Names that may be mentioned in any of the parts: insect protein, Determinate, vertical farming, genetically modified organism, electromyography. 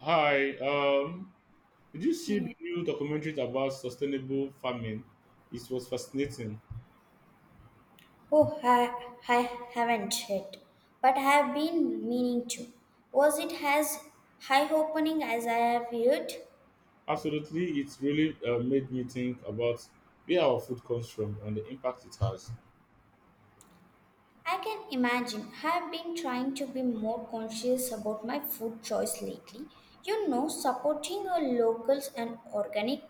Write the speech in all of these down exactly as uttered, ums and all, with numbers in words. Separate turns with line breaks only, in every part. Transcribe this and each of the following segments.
Hi, um, did you see the new documentary about sustainable farming? It was fascinating.
Oh, I, I haven't yet, but I have been meaning to. Was it as high opening as I have heard?
Absolutely, it really uh, made me think about where our food comes from and the impact it has.
I can imagine. I have been trying to be more conscious about my food choice lately. You know, supporting our locals and organic,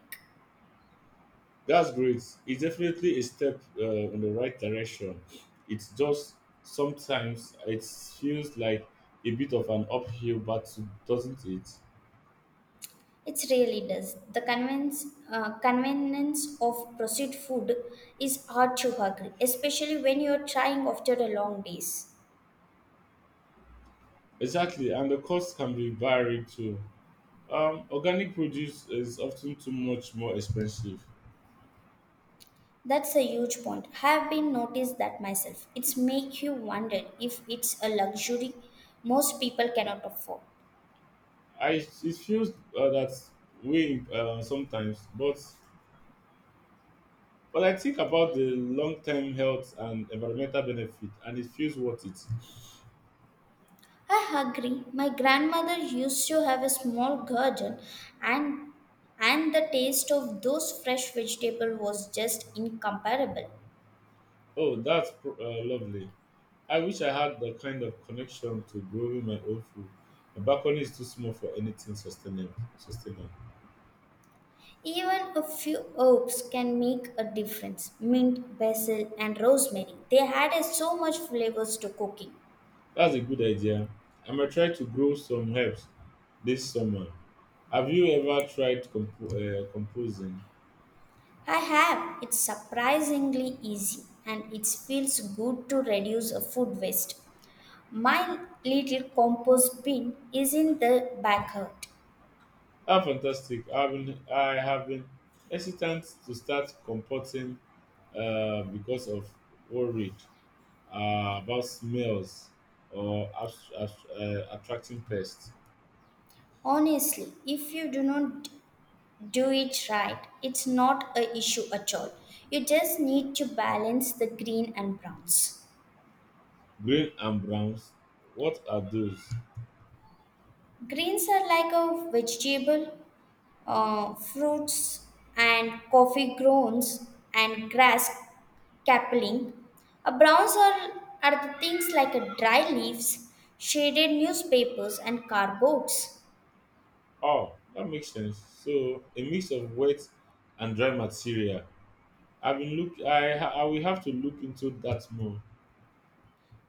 That's great. It's definitely a step uh, in the right direction. It's just sometimes it feels like a bit of an uphill battle, doesn't it?
it really does. The convenience, uh, convenience of processed food is hard to agree, especially when you are trying after a long days.
Exactly, and the cost can be varied too. Um, organic produce is often too much more expensive.
That's a huge point. Have been noticed that myself. It's make you wonder if it's a luxury most people cannot afford.
I it feels uh, that way uh, sometimes, but but I think about the long-term health and environmental benefit, and it feels worth it.
I agree. My grandmother used to have a small garden and and the taste of those fresh vegetables was just incomparable.
Oh, that's pro- uh, lovely. I wish I had the kind of connection to growing my own food. My balcony is too small for anything sustainable. Sustainable.
Even a few herbs can make a difference. Mint, basil and rosemary. They added so much flavors to cooking.
That's a good idea. I might try to grow some herbs this summer. Have you ever tried compo- uh, composing?
I have. It's surprisingly easy and it feels good to reduce a food waste. My little compost bin is in the backyard.
Ah, fantastic. I've been, I have been hesitant to start comporting uh, because of worried uh, about smells or abs- abs- uh, attracting pests.
Honestly, if you do not do it right, it's not a issue at all. You just need to balance the green and browns.
Green and browns, what are those?
Greens are like a vegetable, uh, fruits and coffee grounds and grass Capelling. A browns are, are the things like a dry leaves, shaded newspapers, and cardboards.
Oh, that makes sense. So a mix of wet and dry material. I've been look. I ha- I will have to look into that more.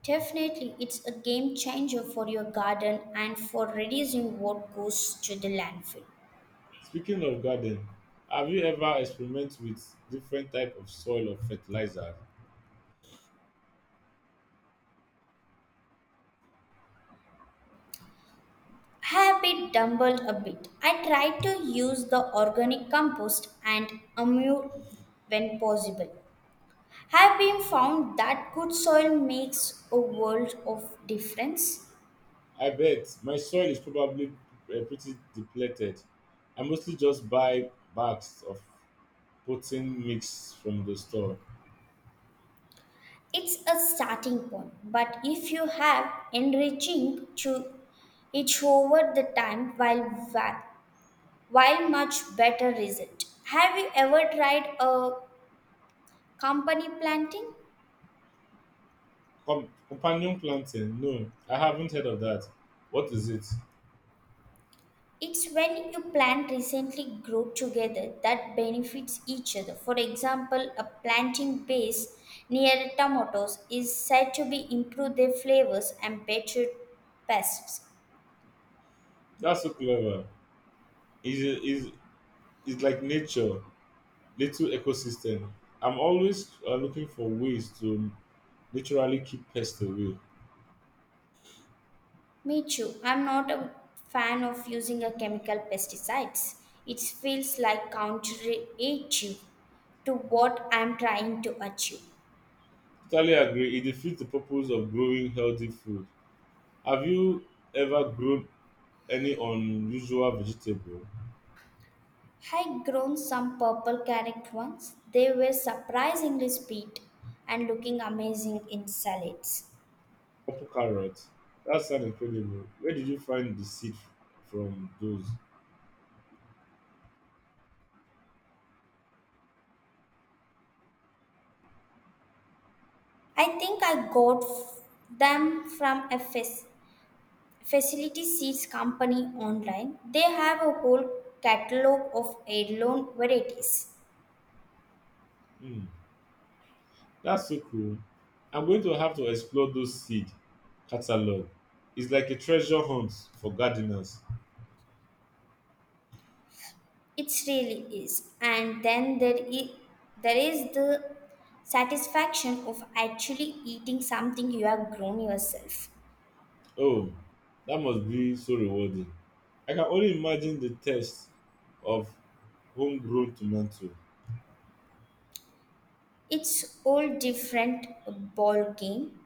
Definitely, it's a game changer for your garden and for reducing what goes to the landfill.
Speaking of garden, have you ever experimented with different type of soil or fertilizer?
I have been dumbled a bit. I try to use the organic compost and amur when possible. Have been found that good soil makes a world of difference.
I bet my soil is probably uh, pretty depleted. I mostly just buy bags of potting mix from the store.
It's a starting point, but if you have enriching to each over the time while va- while much better result. Have you ever tried a company planting?
Com- companion planting? No, I haven't heard of that. What is it?
It's when you plant recently grow together that benefits each other. For example, a planting base near tomatoes is said to be improve their flavors and better pests.
That's so clever. Is is is like nature, little ecosystem. I'm always uh, looking for ways to literally keep pests away.
Me too. I'm not a fan of using a chemical pesticides. It feels like counterintuitive to what I'm trying to achieve.
Totally agree. It defeats the purpose of growing healthy food. Have you ever grown any unusual vegetable?
I grown some purple carrot once. They were surprisingly sweet and looking amazing in salads.
Purple carrots. That sounds incredible. Where did you find the seed from those?
I think I got f- them from a fac- facility seeds company online. They have a whole catalog of heirloom varieties.
Hmm, that's so cool. I'm going to have to explore those seed catalog. It's like a treasure hunt for gardeners.
It really is. And then there is, there is the satisfaction of actually eating something you have grown yourself.
Oh, that must be so rewarding. I can only imagine the taste of homegrown tomato.
It's all different ball game.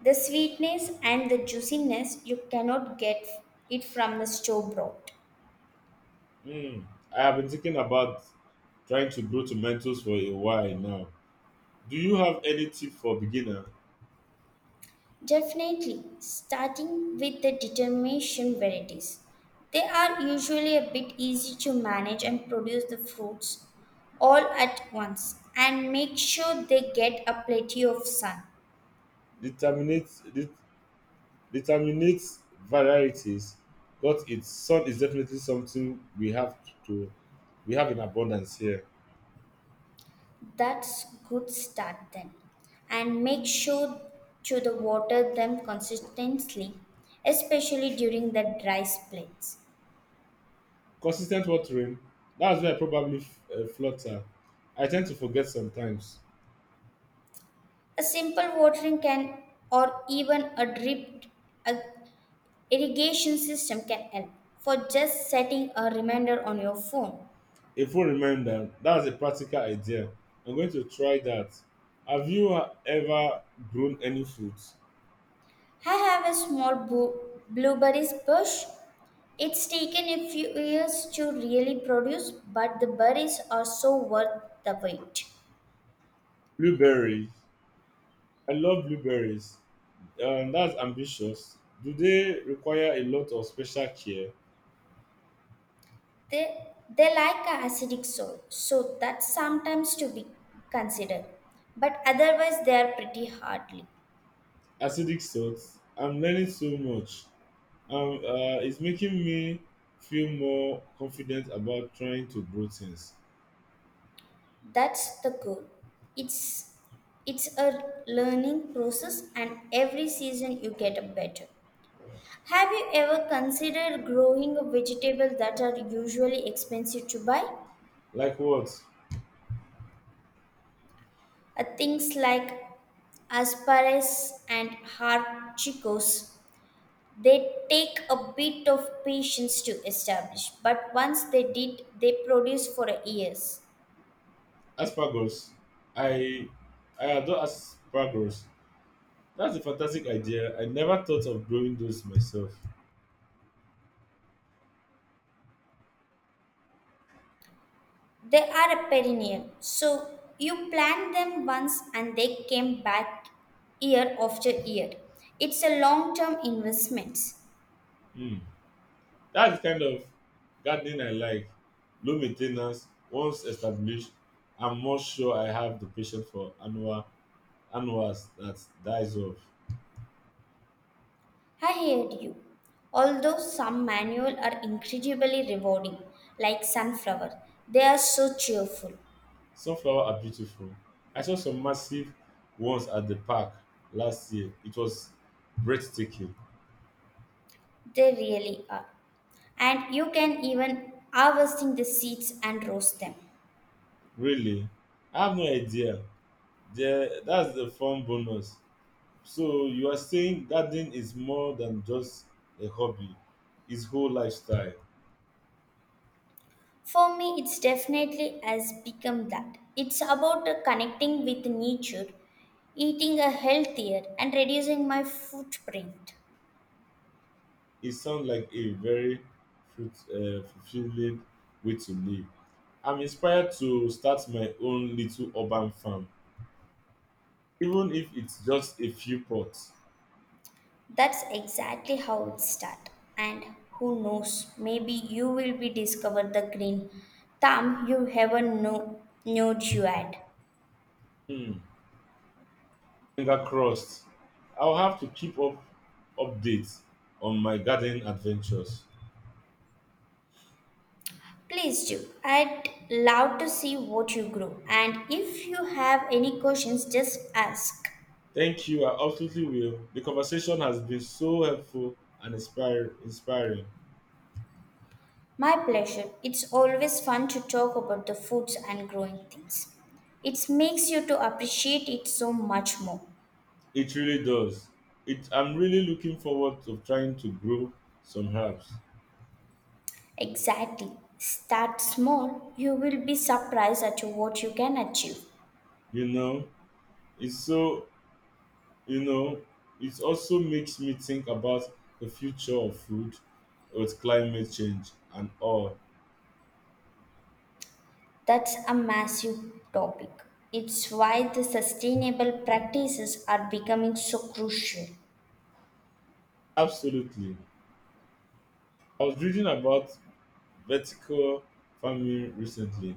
The sweetness and the juiciness you cannot get it from the store bought.
Hmm, I have been thinking about trying to grow tomatoes for a while now. Do you have any tip for beginner?
Definitely, starting with the determination varieties. They are usually a bit easy to manage and produce the fruits all at once and make sure they get a plenty of sun.
Determinate Determinate varieties, but its sun is definitely something we have to we have in abundance here.
That's good start then. And make sure to the water them consistently, especially during the dry spells.
Consistent watering, that's where I probably f- uh, flutter. I tend to forget sometimes.
A simple watering can or even a drip a irrigation system can help for just setting a reminder on your phone.
A full reminder, that's a practical idea. I'm going to try that. Have you uh, ever grown any fruit?
I have a small bu- blueberries bush. It's taken a few years to really produce, but the berries are so worth the wait.
Blueberries. I love blueberries. Um, that's ambitious. Do they require a lot of special care?
They, they like a acidic soil, so that's sometimes to be considered. But otherwise, they are pretty hardly.
Acidic salt. I'm learning so much. Um uh, it's making me feel more confident about trying to grow things.
That's the goal. It's it's a learning process, and every season you get a better. Have you ever considered growing vegetables that are usually expensive to buy?
Like what?
Uh, things like asparagus and haricot. They take a bit of patience to establish, but once they did, they produce for years.
Asparagus. I i adore asparagus. That's a fantastic idea. I never thought of growing those myself.
They are a perennial, so you plant them once and they came back year after year. It's a long term investment.
Hmm, that's the kind of gardening I like. Low main, once established. I'm more sure I have the patience for annual annuals that dies off.
I hear you. Although some manual are incredibly rewarding, like sunflower, they are so cheerful.
Sunflower are beautiful. I saw some massive ones at the park last year. It was breathtaking.
They really are. And you can even harvesting the seeds and roast them.
Really? I have no idea. There, that's the fun bonus. So you are saying gardening is more than just a hobby; it's whole lifestyle.
For me, it's definitely has become that. It's about uh, connecting with nature, eating a healthier, and reducing my footprint.
It sounds like a very fruit, uh, fulfilling way to live. I'm inspired to start my own little urban farm, even if it's just a few pots.
That's exactly how it starts. And who knows, maybe you will be discover the green thumb you ever knew, knew you had.
Hmm. Finger crossed. I'll have to keep up updates on my gardening adventures.
Please do. I'd love to see what you grow. And if you have any questions, just ask.
Thank you. I absolutely will. The conversation has been so helpful and inspire, inspiring.
My pleasure. It's always fun to talk about the foods and growing things. It makes you to appreciate it so much more.
It really does. It, I'm really looking forward to trying to grow some herbs.
Exactly. Start small. You will be surprised at what you can achieve.
You know, it's so, you know, it also makes me think about the future of food with climate change and all.
That's a massive topic. It's why the sustainable practices are becoming so crucial.
Absolutely. I was reading about vertical farming recently.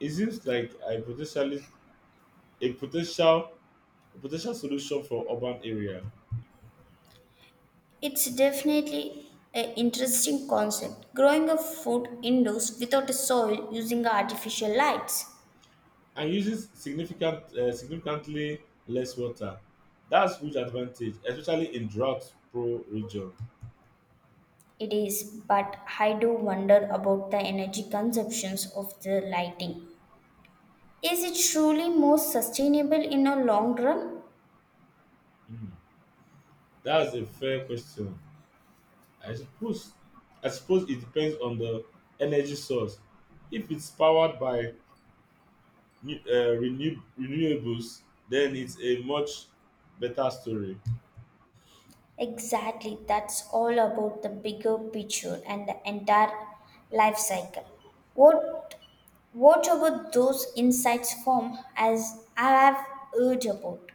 It seems like a potentially a potential a potential solution for urban area
It's definitely an interesting concept. Growing a food indoors without a soil using artificial lights.
and uses significant uh, significantly less water. That's huge advantage, especially in drought pro region.
It is, but I do wonder about the energy consumptions of the lighting. Is it truly more sustainable in a long run?
Mm, that's a fair question. I suppose I suppose it depends on the energy source. If it's powered by new- uh, renew- renewables, then it's a much better story.
Exactly, that's all about the bigger picture and the entire life cycle. What what about those insights form as I have heard about?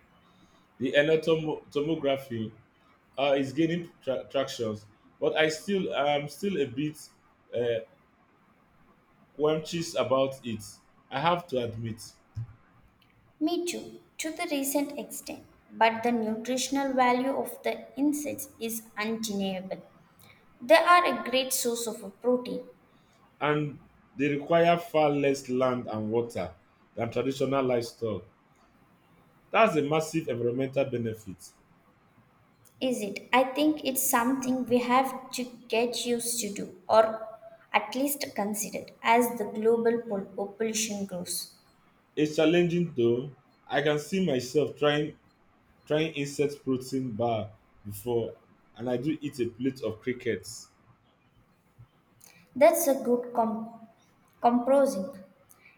The electrom- tomography uh, is gaining tra- traction, but I still am still a bit uh, quenched about it. I have to admit,
Me too, to the recent extent. But the nutritional value of the insects is undeniable. They are a great source of a protein,
and they require far less land and water than traditional livestock. That's a massive environmental benefit.
is it? I think it's something we have to get used to do or at least considered as the global pol- population grows.
It's challenging though. I can see myself trying trying insect protein bar before, and I do eat a plate of crickets.
That's a good com- composing.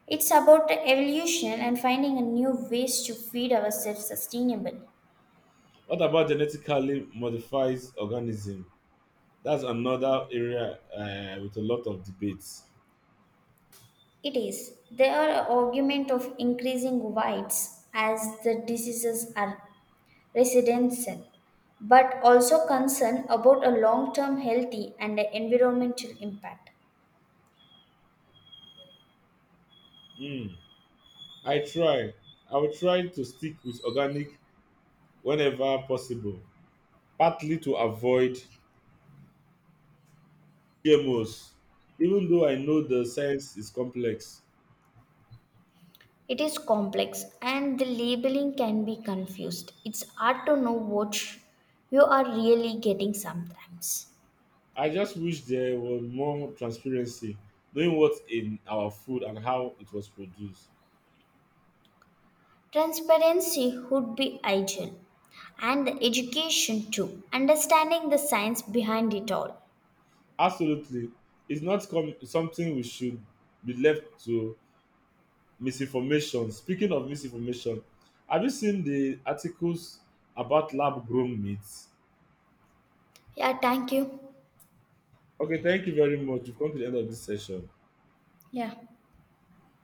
It's about evolution and finding a new ways to feed ourselves sustainable.
What about genetically modified organism? That's another area, um with a lot of debates.
It is. There are argument of increasing whites as the diseases are residential, but also concern about a long-term healthy and environmental impact.
um I try. I will try to stick with organic whenever possible, partly to avoid G M Os, even though I know the science is complex.
It is complex and the labeling can be confused. It's hard to know what you are really getting sometimes.
I just wish there was more transparency, knowing what's in our food and how it was produced.
Transparency would be ideal, and the education too, understanding the science behind it all.
Absolutely. It's not com- something we should be left to misinformation. Speaking of misinformation, have you seen the articles about lab grown meat?
Yeah, thank you.
Okay, thank you very much. We've come to the end of this session.
Yeah.